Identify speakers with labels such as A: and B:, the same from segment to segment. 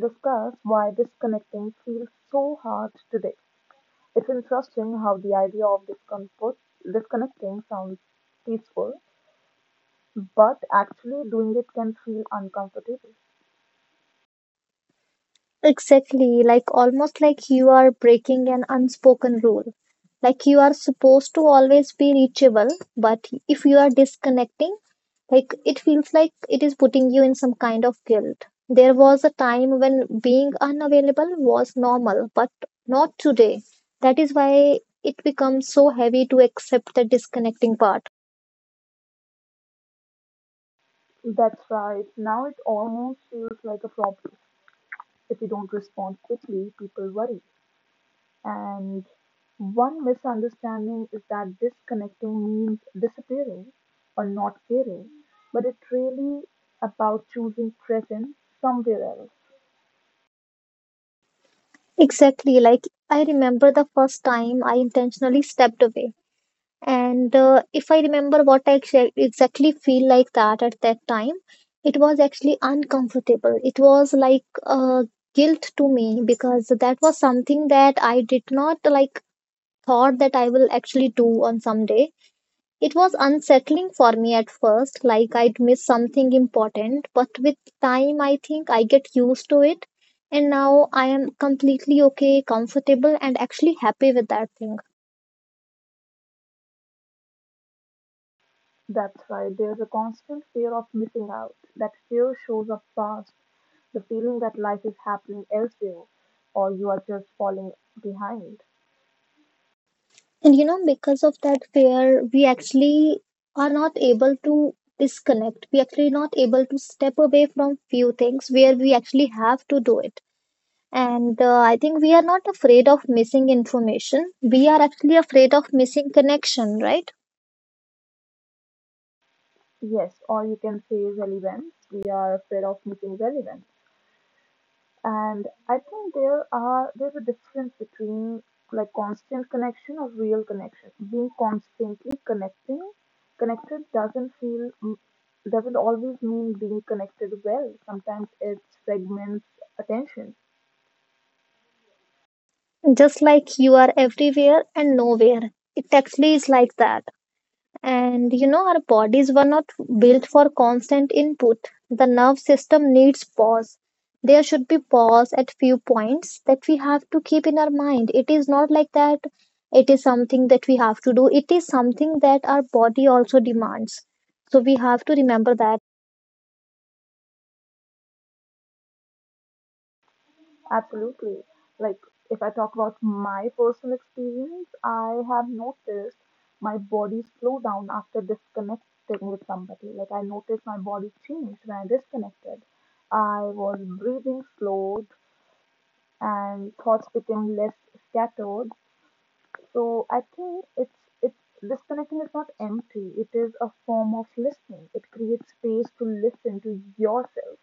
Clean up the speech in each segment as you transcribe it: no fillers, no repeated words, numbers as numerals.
A: Discuss why disconnecting feels so hard today. It's interesting how the idea of disconnecting sounds peaceful, but actually doing it can feel uncomfortable.
B: Exactly, like almost like you are breaking an unspoken rule. Like you are supposed to always be reachable, but if you are disconnecting, like it feels like it is putting you in some kind of guilt. There was a time when being unavailable was normal, but not today. That is why it becomes so heavy to accept the disconnecting part.
A: That's right. Now it almost feels like a problem. If you don't respond quickly, people worry. And one misunderstanding is that disconnecting means disappearing or not caring, but it's really about choosing presence somewhere else.
B: Exactly, like I remember the first time I intentionally stepped away. And if I remember what I exactly feel like that at that time, it was actually uncomfortable. It was like guilt to me because that was something that I did not like thought that I will actually do on some day. It was unsettling for me at first, like I'd miss something important, but with time, I think I get used to it. And now I am completely okay, comfortable, and actually happy with that thing.
A: That's why there's a constant fear of missing out. That fear shows up fast, the feeling that life is happening elsewhere, or you are just falling behind.
B: And you know, because of that fear, we actually are not able to disconnect. We actually not able to step away from few things where we actually have to do it. And I think we are not afraid of missing information. We are actually afraid of missing connection, right?
A: Yes, or you can say relevance. We are afraid of missing relevance. And I think there's a difference between like constant connection or real connection. Being constantly connecting connected doesn't feel doesn't always mean being connected well. Sometimes it fragments attention.
B: Just like you are everywhere and nowhere. It actually is like that. And you know, our bodies were not built for constant input. The nerve system needs pause. There should be pause at few points that we have to keep in our mind. It is not like that it is something that we have to do. It is something that our body also demands. So we have to remember that.
A: Absolutely. Like, if I talk about my personal experience, I have noticed my body slow down after disconnecting with somebody. Like, I noticed my body changed when I disconnected. I was breathing slowed and thoughts became less scattered. So I think it's disconnecting is not empty. It is a form of listening. It creates space to listen to yourself.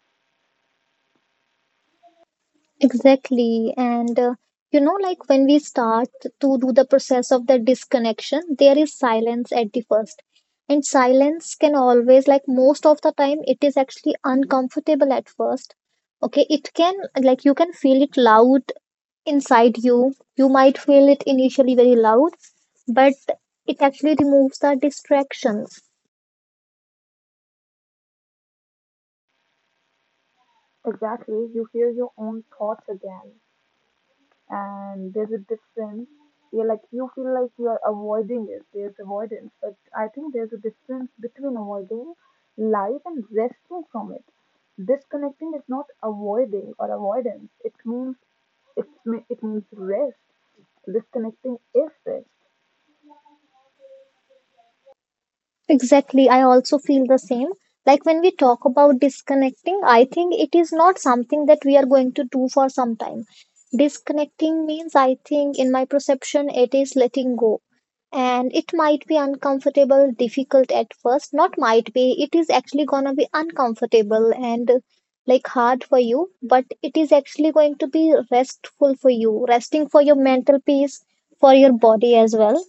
B: Exactly. And you know, like when we start to do the process of the disconnection, there is silence at the first. And silence can always, like most of the time, it is actually uncomfortable at first. Okay, it can, like, you can feel it loud inside you. You might feel it initially very loud, but it actually removes the distractions.
A: Exactly. You hear your own thoughts again. And there's a difference. You're like you feel like you're avoiding it. There's avoidance, but I think there's a difference between avoiding life and resting from it. Disconnecting is not avoiding or avoidance. It means it means rest. Disconnecting is rest.
B: Exactly, I also feel the same. Like when we talk about disconnecting, I think it is not something that we are going to do for some time. Disconnecting means, I think, in my perception, it is letting go. And it might be uncomfortable, difficult at first. Not might be, it is actually gonna be uncomfortable and like hard for you, but it is actually going to be restful for you, resting for your mental peace, for your body as well.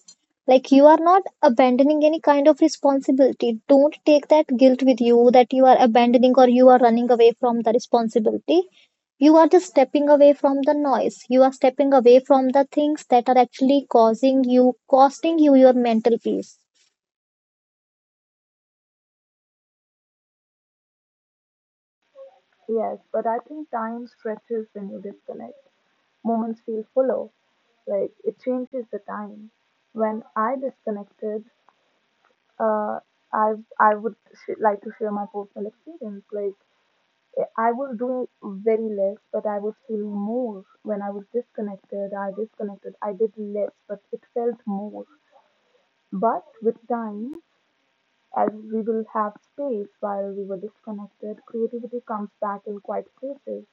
B: Like you are not abandoning any kind of responsibility. Don't take that guilt with you that you are abandoning or you are running away from the responsibility. You are just stepping away from the noise. You are stepping away from the things that are actually causing you, costing you your mental peace.
A: Yes, but I think time stretches when you disconnect. Moments feel fuller, like it changes the time when I disconnected. Uh, I I would like to share my personal experience. Like I was doing very less, but I was feeling more when I was disconnected. I disconnected. I did less, but it felt more. But with time, as we will have space while we were disconnected, creativity comes back in quite places.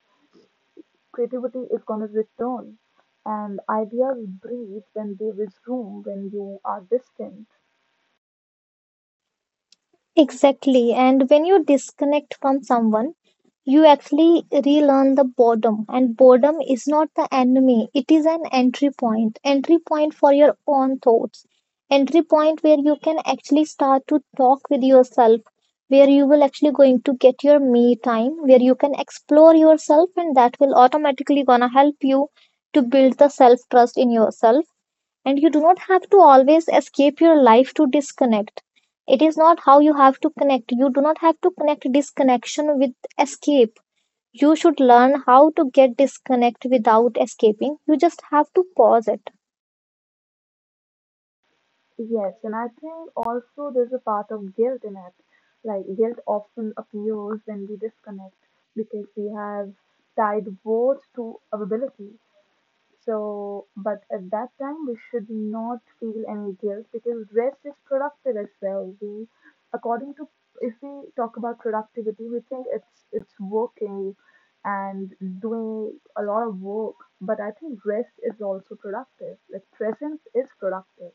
A: Creativity is gonna return, and ideas breathe when there is room, when you are distant.
B: Exactly. And when you disconnect from someone, you actually relearn the boredom. And boredom is not the enemy, it is an entry point. Entry point for your own thoughts. Entry point where you can actually start to talk with yourself, where you will actually going to get your me time, where you can explore yourself, and that will automatically gonna help you to build the self trust in yourself. And you do not have to always escape your life to disconnect. It is not how you have to connect. You do not have to connect disconnection with escape. You should learn how to get disconnect without escaping. You just have to pause it.
A: Yes, and I think also there's a part of guilt in it. Like guilt often appears when we disconnect because we have tied both to availability. So, but at that time, we should not feel any guilt because rest is productive as well. We, according to, if we talk about productivity, we think it's working and doing a lot of work. But I think rest is also productive. Like presence is productive.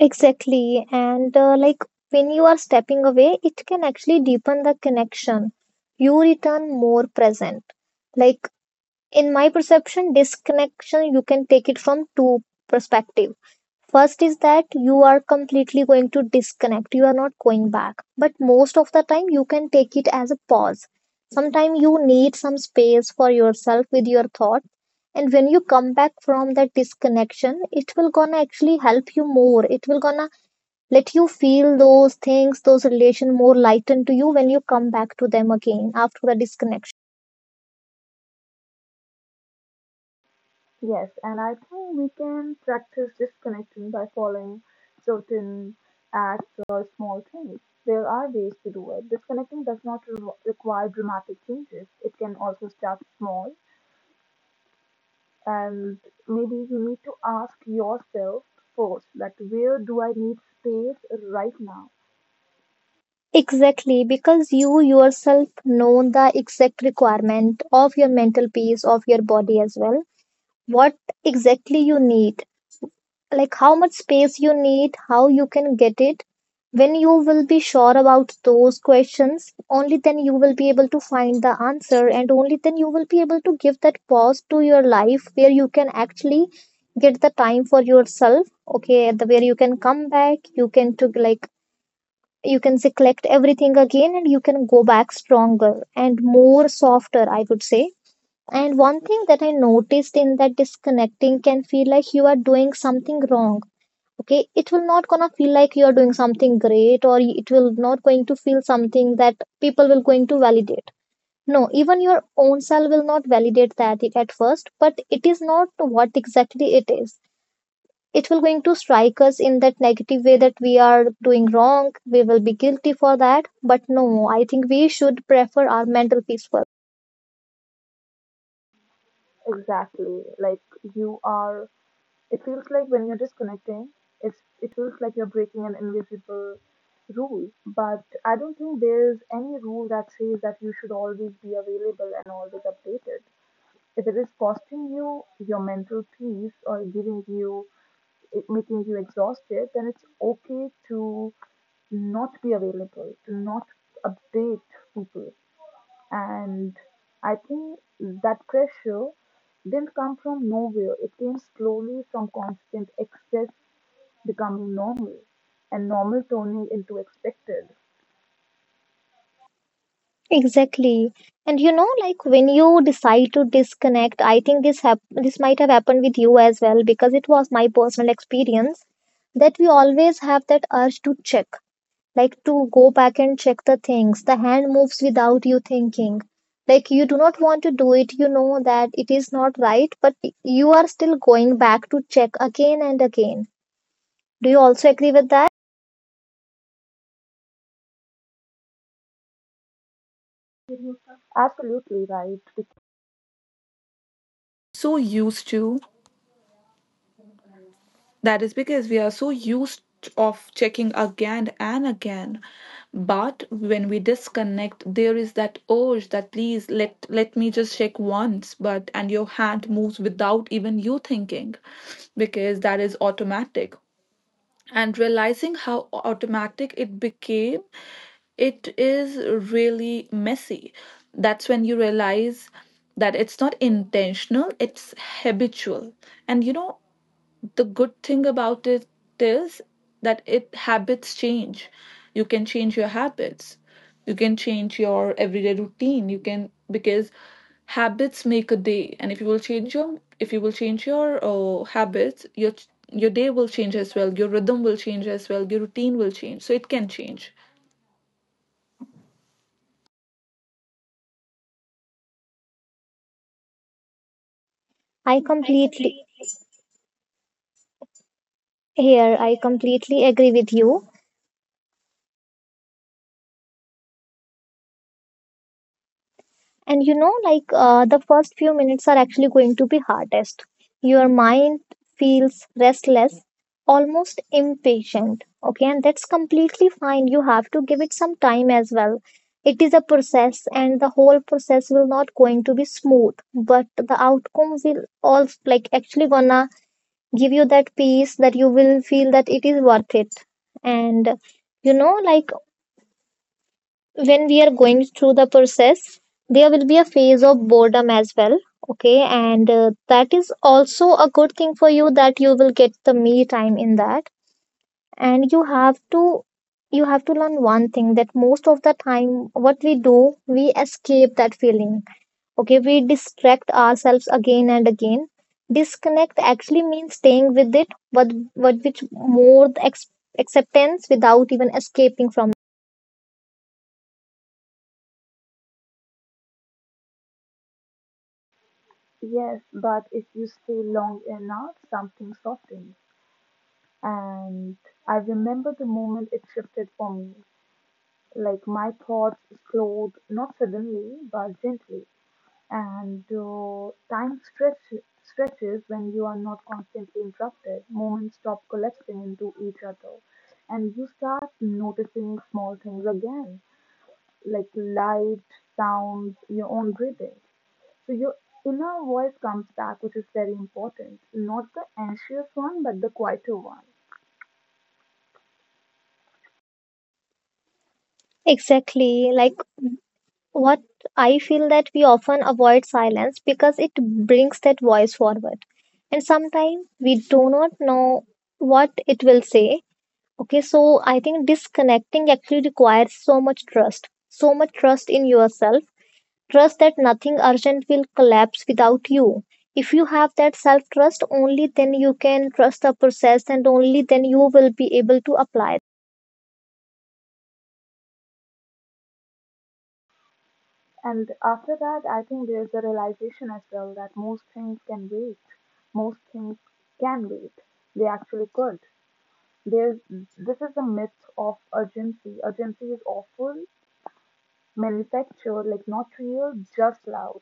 B: Exactly. And like when you are stepping away, it can actually deepen the connection. You return more present. Like in my perception, disconnection, you can take it from two perspectives. First is that you are completely going to disconnect. You are not going back. But most of the time, you can take it as a pause. Sometimes you need some space for yourself with your thought. And when you come back from that disconnection, it will gonna actually help you more. It will gonna let you feel those things, those relation more lightened to you when you come back to them again after the disconnection.
A: Yes, and I think we can practice disconnection by following certain acts or small things. There are ways to do it. Disconnecting does not require dramatic changes, it can also start small. And maybe you need to ask yourself first that, where do I need space right now?
B: Exactly, because you yourself know the exact requirement of your mental peace, of your body as well. What exactly you need, like how much space you need, how you can get it. When you will be sure about those questions, only then you will be able to find the answer, and only then you will be able to give that pause to your life where you can actually get the time for yourself. Okay, the where you can come back, you can to like you can say collect everything again, and you can go back stronger and more softer, I would say. And one thing that I noticed in that disconnecting can feel like you are doing something wrong. Okay, it will not gonna feel like you are doing something great, or it will not going to feel something that people will going to validate. No, even your own self will not validate that it at first, but it is not what exactly it is. It will going to strike us in that negative way that we are doing wrong. We will be guilty for that. But no, I think we should prefer our mental peace first.
A: Exactly. Like you are It feels like when you're disconnecting, it feels like you're breaking an invisible rule. But I don't think there's any rule that says that you should always be available and always updated. If it is costing you your mental peace or giving you, it making you exhausted, then it's okay to not be available, to not update people. And I think that pressure didn't come from nowhere. It came slowly from constant excess becoming normal and normal turning into expected.
B: Exactly. And you know, like when you decide to disconnect, I think this might have happened with you as well because it was my personal experience that we always have that urge to check, like to go back and check the things. The hand moves without you thinking. Like you do not want to do it, you know that it is not right, but you are still going back to check again and again. Do you also agree with that?
A: Absolutely right.
C: So used to that is because we are so used of checking again and again. But when we disconnect, there is that urge that please let me just check once. But and your hand moves without even you thinking, because that is automatic. And realizing how automatic it became, it is really messy. That's when you realize that it's not intentional, it's habitual. And you know the good thing about it is that it habits change. You can change your habits, you can change your everyday routine, you can, because habits make a day. And if you will change your, if you will change your habits, your day will change as well, your rhythm will change as well, your routine will change. So it can change.
B: I completely here, I completely agree with you. And you know, like the first few minutes are actually going to be hardest. Your mind feels restless, almost impatient. Okay, and that's completely fine. You have to give it some time as well. It is a process and the whole process will not going to be smooth, but the outcome will all like actually gonna give you that peace that you will feel that it is worth it. And you know, like when we are going through the process there will be a phase of boredom as well. Okay, and that is also a good thing for you that you will get the me time in that. And you have to, you have to learn one thing that most of the time what we do we escape that feeling. Okay, we distract ourselves again and again. Disconnect actually means staying with it, but which more acceptance without even escaping from.
A: Yes, but if you stay long enough, something softens. And I remember the moment it shifted for me. Like my thoughts slowed, not suddenly, but gently. And time stretches when you are not constantly interrupted. Moments stop collecting into each other. And you start noticing small things again, like light, sounds, your own breathing. So your inner voice comes back, which is very important. Not the anxious one, but the quieter one.
B: Exactly, like what I feel that we often avoid silence because it brings that voice forward. And sometimes we do not know what it will say. Okay, so I think disconnecting actually requires so much trust in yourself, trust that nothing urgent will collapse without you. If you have that self trust, only then you can trust the process and only then you will be able to apply.
A: And after that, I think there's a realization as well that most things can wait. Most things can wait. They actually could. There's this is a myth of urgency. Urgency is awful, manufactured, like not real, just loud.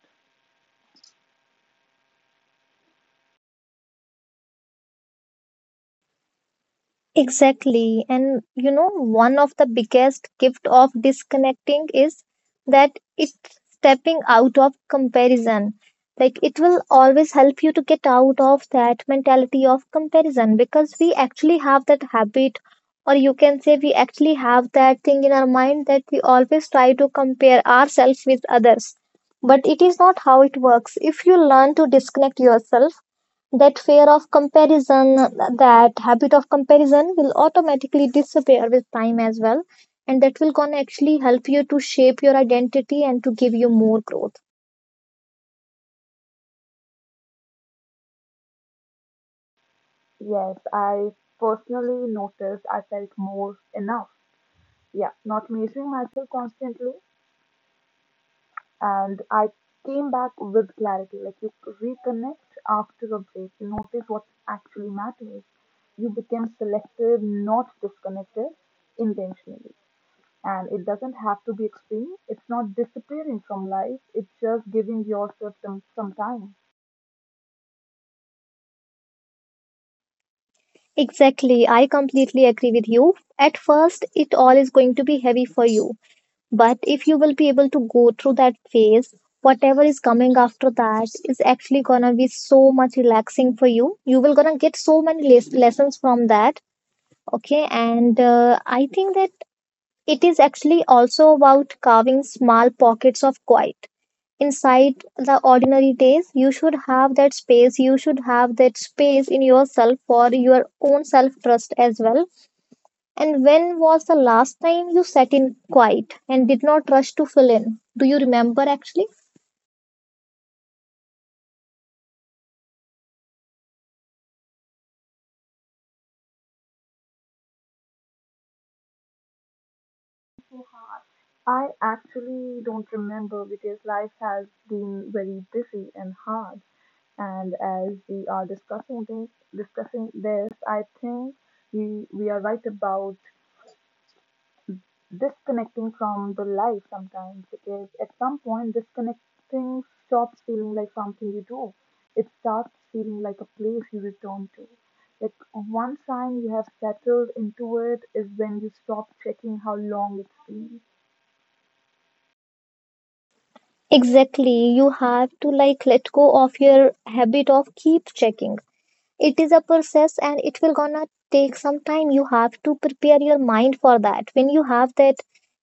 B: Exactly. And you know, one of the biggest gift of disconnecting is that it's stepping out of comparison. Like it will always help you to get out of that mentality of comparison because we actually have that habit, or you can say we actually have that thing in our mind that we always try to compare ourselves with others. But it is not how it works. If you learn to disconnect yourself, that fear of comparison, that habit of comparison will automatically disappear with time as well. And that will gonna actually help you to shape your identity and to give you more growth.
A: Yes, I personally noticed I felt more enough. Yeah, not measuring myself constantly, and I came back with clarity. Like you reconnect after a break, you notice what actually matters. You become selective, not disconnected, intentionally. And it doesn't have to be extreme. It's not disappearing from life. It's just giving yourself some time.
B: Exactly. I completely agree with you. At first, it all is going to be heavy for you. But if you will be able to go through that phase, whatever is coming after that is actually gonna be so much relaxing for you. You will gonna get so many lessons from that. Okay. And I think that it is actually also about carving small pockets of quiet. Inside the ordinary days, you should have that space. You should have that space in yourself for your own self trust as well. And when was the last time you sat in quiet and did not rush to fill in? Do you remember actually?
A: I actually don't remember because life has been very busy and hard. And as we are discussing this, I think we are right about disconnecting from the life sometimes, because at some point disconnecting stops feeling like something you do. It starts feeling like a place you return to. Like one sign you have settled into it is when you stop checking how long it's been.
B: Exactly. You have to like let go of your habit of keep checking. It is a process, and it will gonna take some time. You have to prepare your mind for that. When you have that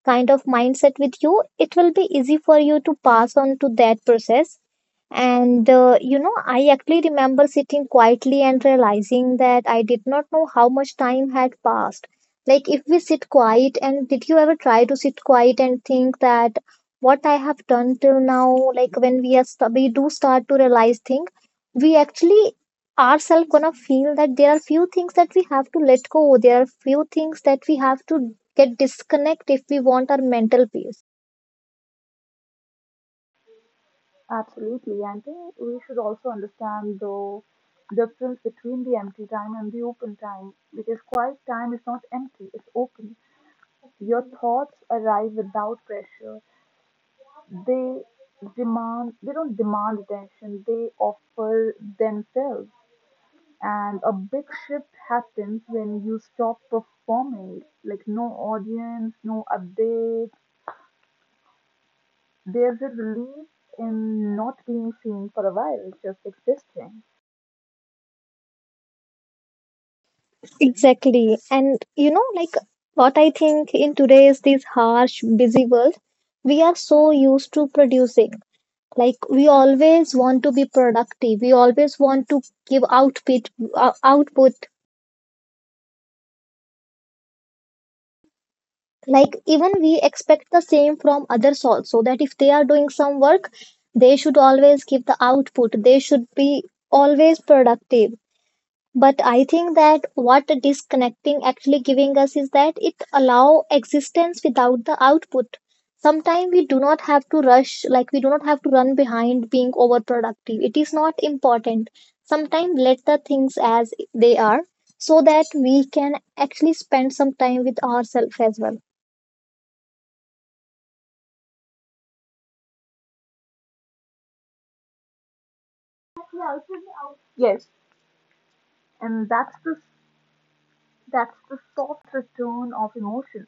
B: kind of mindset with you, it will be easy for you to pass on to that process. And I actually remember sitting quietly and realizing that I did not know how much time had passed. Like, if we sit quiet, and did you ever try to sit quiet and think that what I have done till now? Like, when we do start to realize things, we actually ourselves gonna feel that there are few things that we have to let go, there are few things that we have to get disconnect if we want our mental peace.
A: Absolutely, and I think we should also understand the difference between the empty time and the open time, because quiet time is not empty, it's open. Your thoughts arrive without pressure, they demand they don't demand attention, they offer themselves. And a big shift happens when you stop performing, like no audience, no updates, there's a relief in not being seen for a while, just existing.
B: Exactly. And like what I think, in today's this harsh busy world, we are so used to producing. Like, we always want to be productive, we always want to give output. Like, even we expect the same from others also, that if they are doing some work, they should always give the output, they should be always productive. But I think that what disconnecting actually giving us is that it allow existence without the output. Sometimes we do not have to rush. Like, we do not have to run behind being overproductive. It is not important. Sometimes let the things as they are, so that we can actually spend some time with ourselves as well.
A: Yes, and that's the soft return of emotion,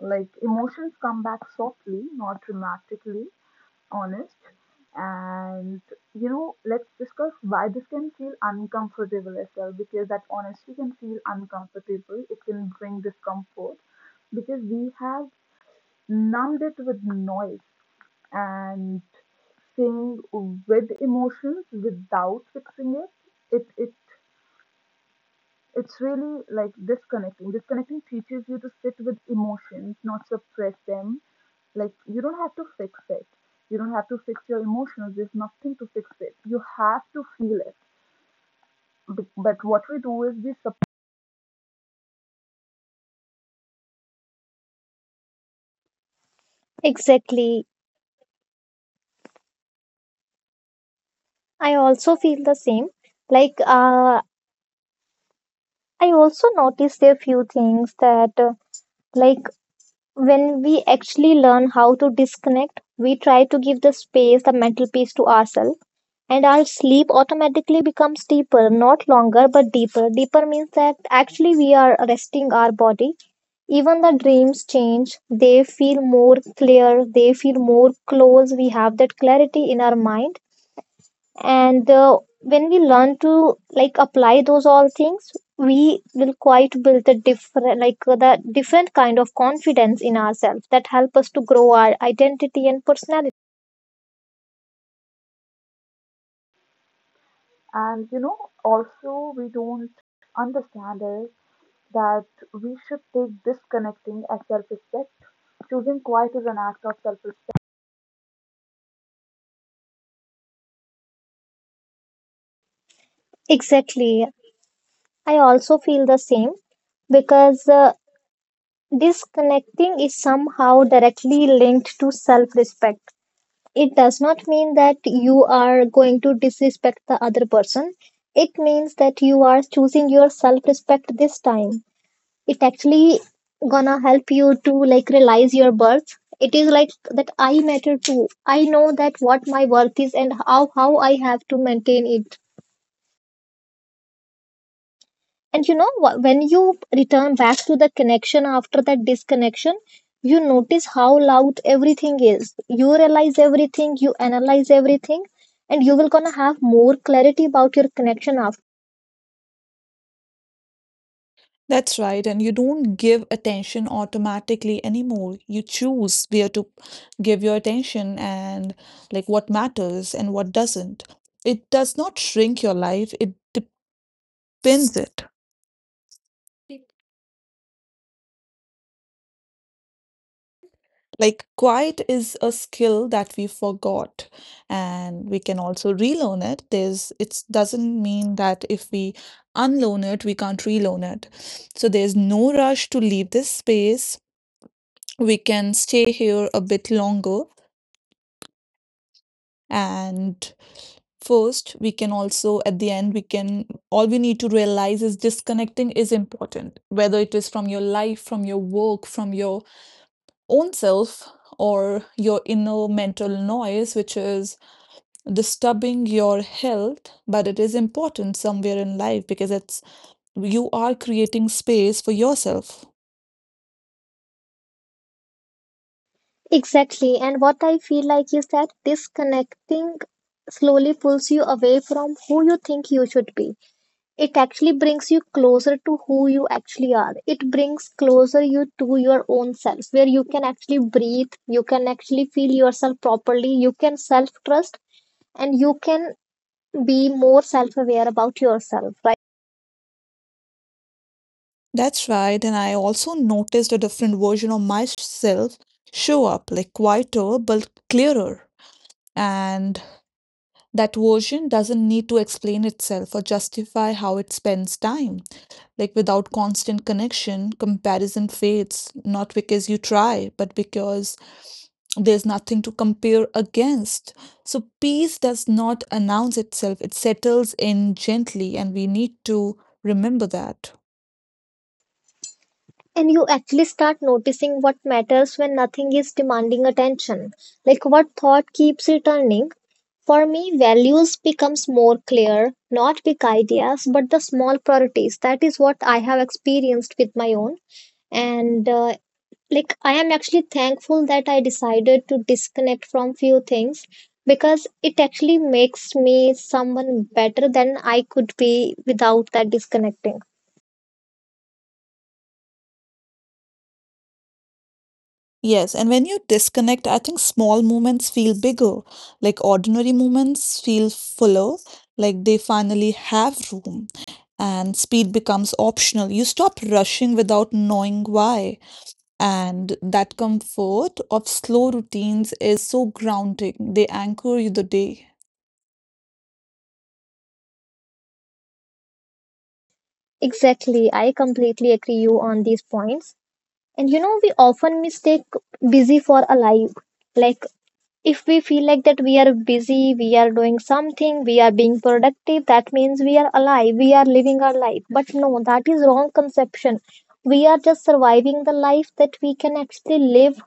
A: like emotions come back softly, not dramatically, honest. And you know, let's discuss why this can feel uncomfortable as well, because that honesty can feel uncomfortable. It can bring discomfort because we have numbed it with noise and saying with emotions without fixing it. It's really like disconnecting. Disconnecting teaches you to sit with emotions, not suppress them. Like you don't have to fix it. You don't have to fix your emotions. There's nothing to fix it. You have to feel it. But what we do is we suppress.
B: Exactly. I also feel the same. Like, I also noticed a few things that, like, when we actually learn how to disconnect, we try to give the space, the mental peace to ourselves, and our sleep automatically becomes deeper, not longer, but deeper. Deeper means that actually we are resting our body. Even the dreams change, they feel more clear, they feel more close. We have that clarity in our mind. And when we learn to, like, apply those all things, we will quite build the different kind of confidence in ourselves that help us to grow our identity and personality.
A: And you know, also we don't understand it that we should take disconnecting as self-respect. Choosing quiet is an act of self-respect.
B: Exactly. I also feel the same, because disconnecting is somehow directly linked to self respect. It does not mean that you are going to disrespect the other person. It means that you are choosing your self respect this time. It actually gonna help you to, like, realize your worth. It is like that I matter too. I know that what my worth is and how I have to maintain it. And when you return back to the connection after that disconnection, you notice how loud everything is. You realize everything, you analyze everything, and you will gonna have more clarity about your connection after.
A: That's right, and you don't give attention automatically anymore. You choose where to give your attention, and like what matters and what doesn't. It does not shrink your life, it depends it. Like quiet is a skill that we forgot and we can also relearn it. There's, it doesn't mean that if we unlearn it, we can't relearn it. So there's no rush to leave this space. We can stay here a bit longer. And first, we can also, at the end, we can, all we need to realize is disconnecting is important, whether it is from your life, from your work, from your own self, or your inner mental noise, which is disturbing your health. But it is important somewhere in life because it's, you are creating space for yourself.
B: Exactly. And what I feel like is that disconnecting slowly pulls you away from who you think you should be. It actually brings you closer to who you actually are. It brings closer you to your own self, where you can actually breathe, you can actually feel yourself properly, you can self trust, and you can be more self aware about yourself, right?
A: That's right. And I also noticed a different version of myself show up, like quieter, but clearer. And that version doesn't need to explain itself or justify how it spends time. Like without constant connection, comparison fades, not because you try, but because there's nothing to compare against. So peace does not announce itself, it settles in gently, and we need to remember that.
B: And you actually start noticing what matters when nothing is demanding attention. Like, what thought keeps returning? For me, values becomes more clear, not big ideas, but the small priorities. That is what I have experienced with my own. And like, I am actually thankful that I decided to disconnect from few things, because it actually makes me someone better than I could be without that disconnecting.
A: Yes, and when you disconnect, I think small moments feel bigger. Like ordinary moments feel fuller, like they finally have room. And speed becomes optional. You stop rushing without knowing why. And that comfort of slow routines is so grounding. They anchor you the day.
B: Exactly. I completely agree you on these points. And we often mistake busy for alive. Like, if we feel like that we are busy, we are doing something, we are being productive, that means we are alive, we are living our life. But no, that is wrong conception. We are just surviving the life that we can actually live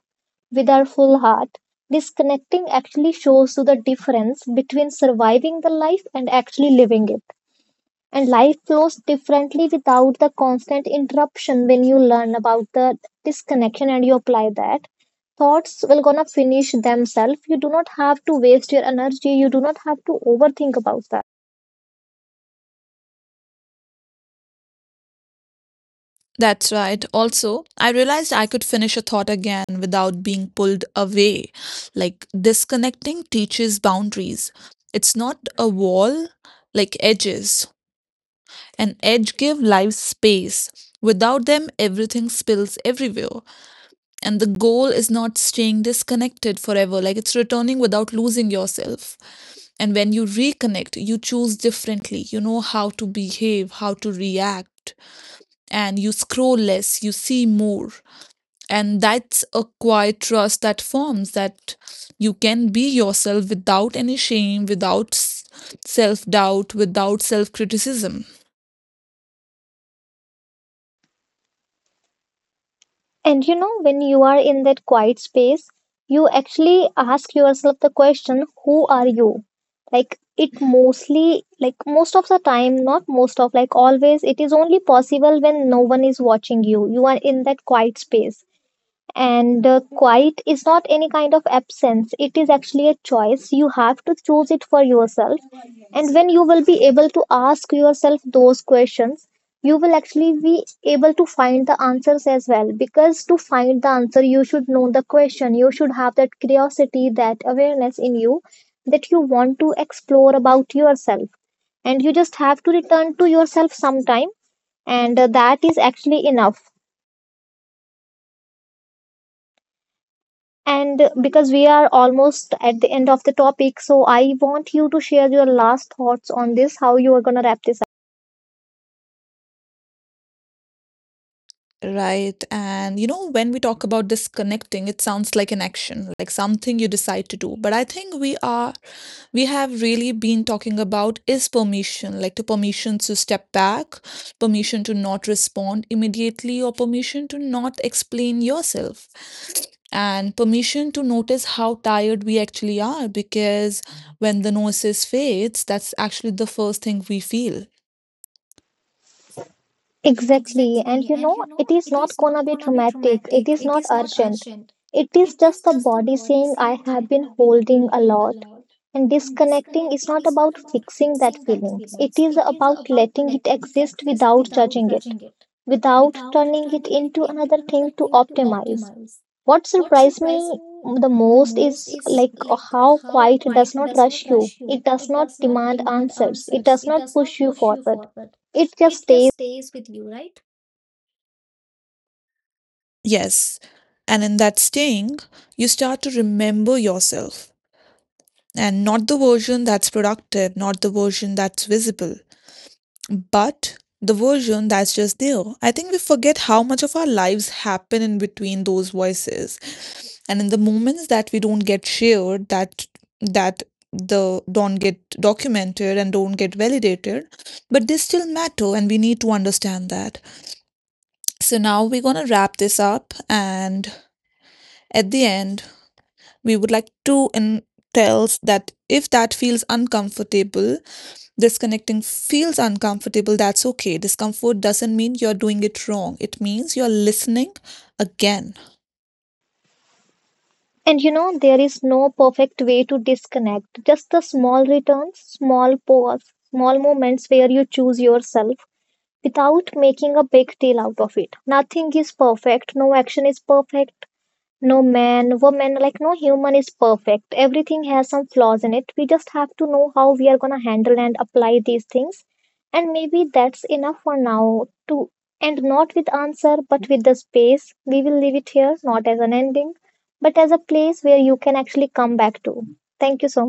B: with our full heart. Disconnecting actually shows you the difference between surviving the life and actually living it. And life flows differently without the constant interruption. When you learn about the disconnection and you apply that, thoughts will gonna finish themselves. You do not have to waste your energy, you do not have to overthink about that.
A: That's right. Also, I realized I could finish a thought again without being pulled away. Like disconnecting teaches boundaries. It's not a wall, like edges. An edge give life space. Without them, everything spills everywhere. And the goal is not staying disconnected forever. Like it's returning without losing yourself. And when you reconnect, you choose differently. You know how to behave, how to react, and you scroll less, you see more, and that's a quiet trust that forms that you can be yourself without any shame, without self doubt, without self criticism.
B: And you know, when you are in that quiet space, you actually ask yourself the question, who are you? Like, it mostly, like most of the time, not most of, like always, it is only possible when no one is watching you, you are in that quiet space. And quiet is not any kind of absence, it is actually a choice. You have to choose it for yourself. And when you will be able to ask yourself those questions, you will actually be able to find the answers as well. Because to find the answer, you should know the question, you should have that curiosity, that awareness in you that you want to explore about yourself. And you just have to return to yourself sometime, and that is actually enough. And because we are almost at the end of the topic, so I want you to share your last thoughts on this, how you are going to wrap this up.
A: Right. And you know, when we talk about disconnecting, it sounds like an action, like something you decide to do. But I think we have really been talking about is permission, like the permission to step back, permission to not respond immediately, or permission to not explain yourself, and permission to notice how tired we actually are. Because when the gnosis fades, that's actually the first thing we feel.
B: Exactly. And you know, it is not going to be traumatic, it is not urgent. It is just the body saying, I have been holding a lot. And disconnecting is not about fixing that feeling, it is about letting it exist without judging it, without turning it into another thing to optimize. What surprised me the most is, like, how quiet does not rush you. It does not demand answers. It does not push you forward. It just stays.
A: Yes. And in that staying, you start to remember yourself, and not the version that's productive, not the version that's visible, but the version that's just there. I think we forget how much of our lives happen in between those voices. And in the moments that we don't get shared, that that the don't get documented and don't get validated, but they still matter and we need to understand that. So now we're gonna wrap this up and at the end we would like to tell that, if that feels uncomfortable, disconnecting feels uncomfortable, that's okay. Discomfort doesn't mean you're doing it wrong, it means you're listening again.
B: And you know, there is no perfect way to disconnect. Just the small returns, small pause, small moments where you choose yourself without making a big deal out of it. Nothing is perfect. No action is perfect. No man, woman, like no human is perfect. Everything has some flaws in it. We just have to know how we are going to handle and apply these things. And maybe that's enough for now, to end not with answer but with the space. We will leave it here, not as an ending, but as a place where you can actually come back to. Thank you so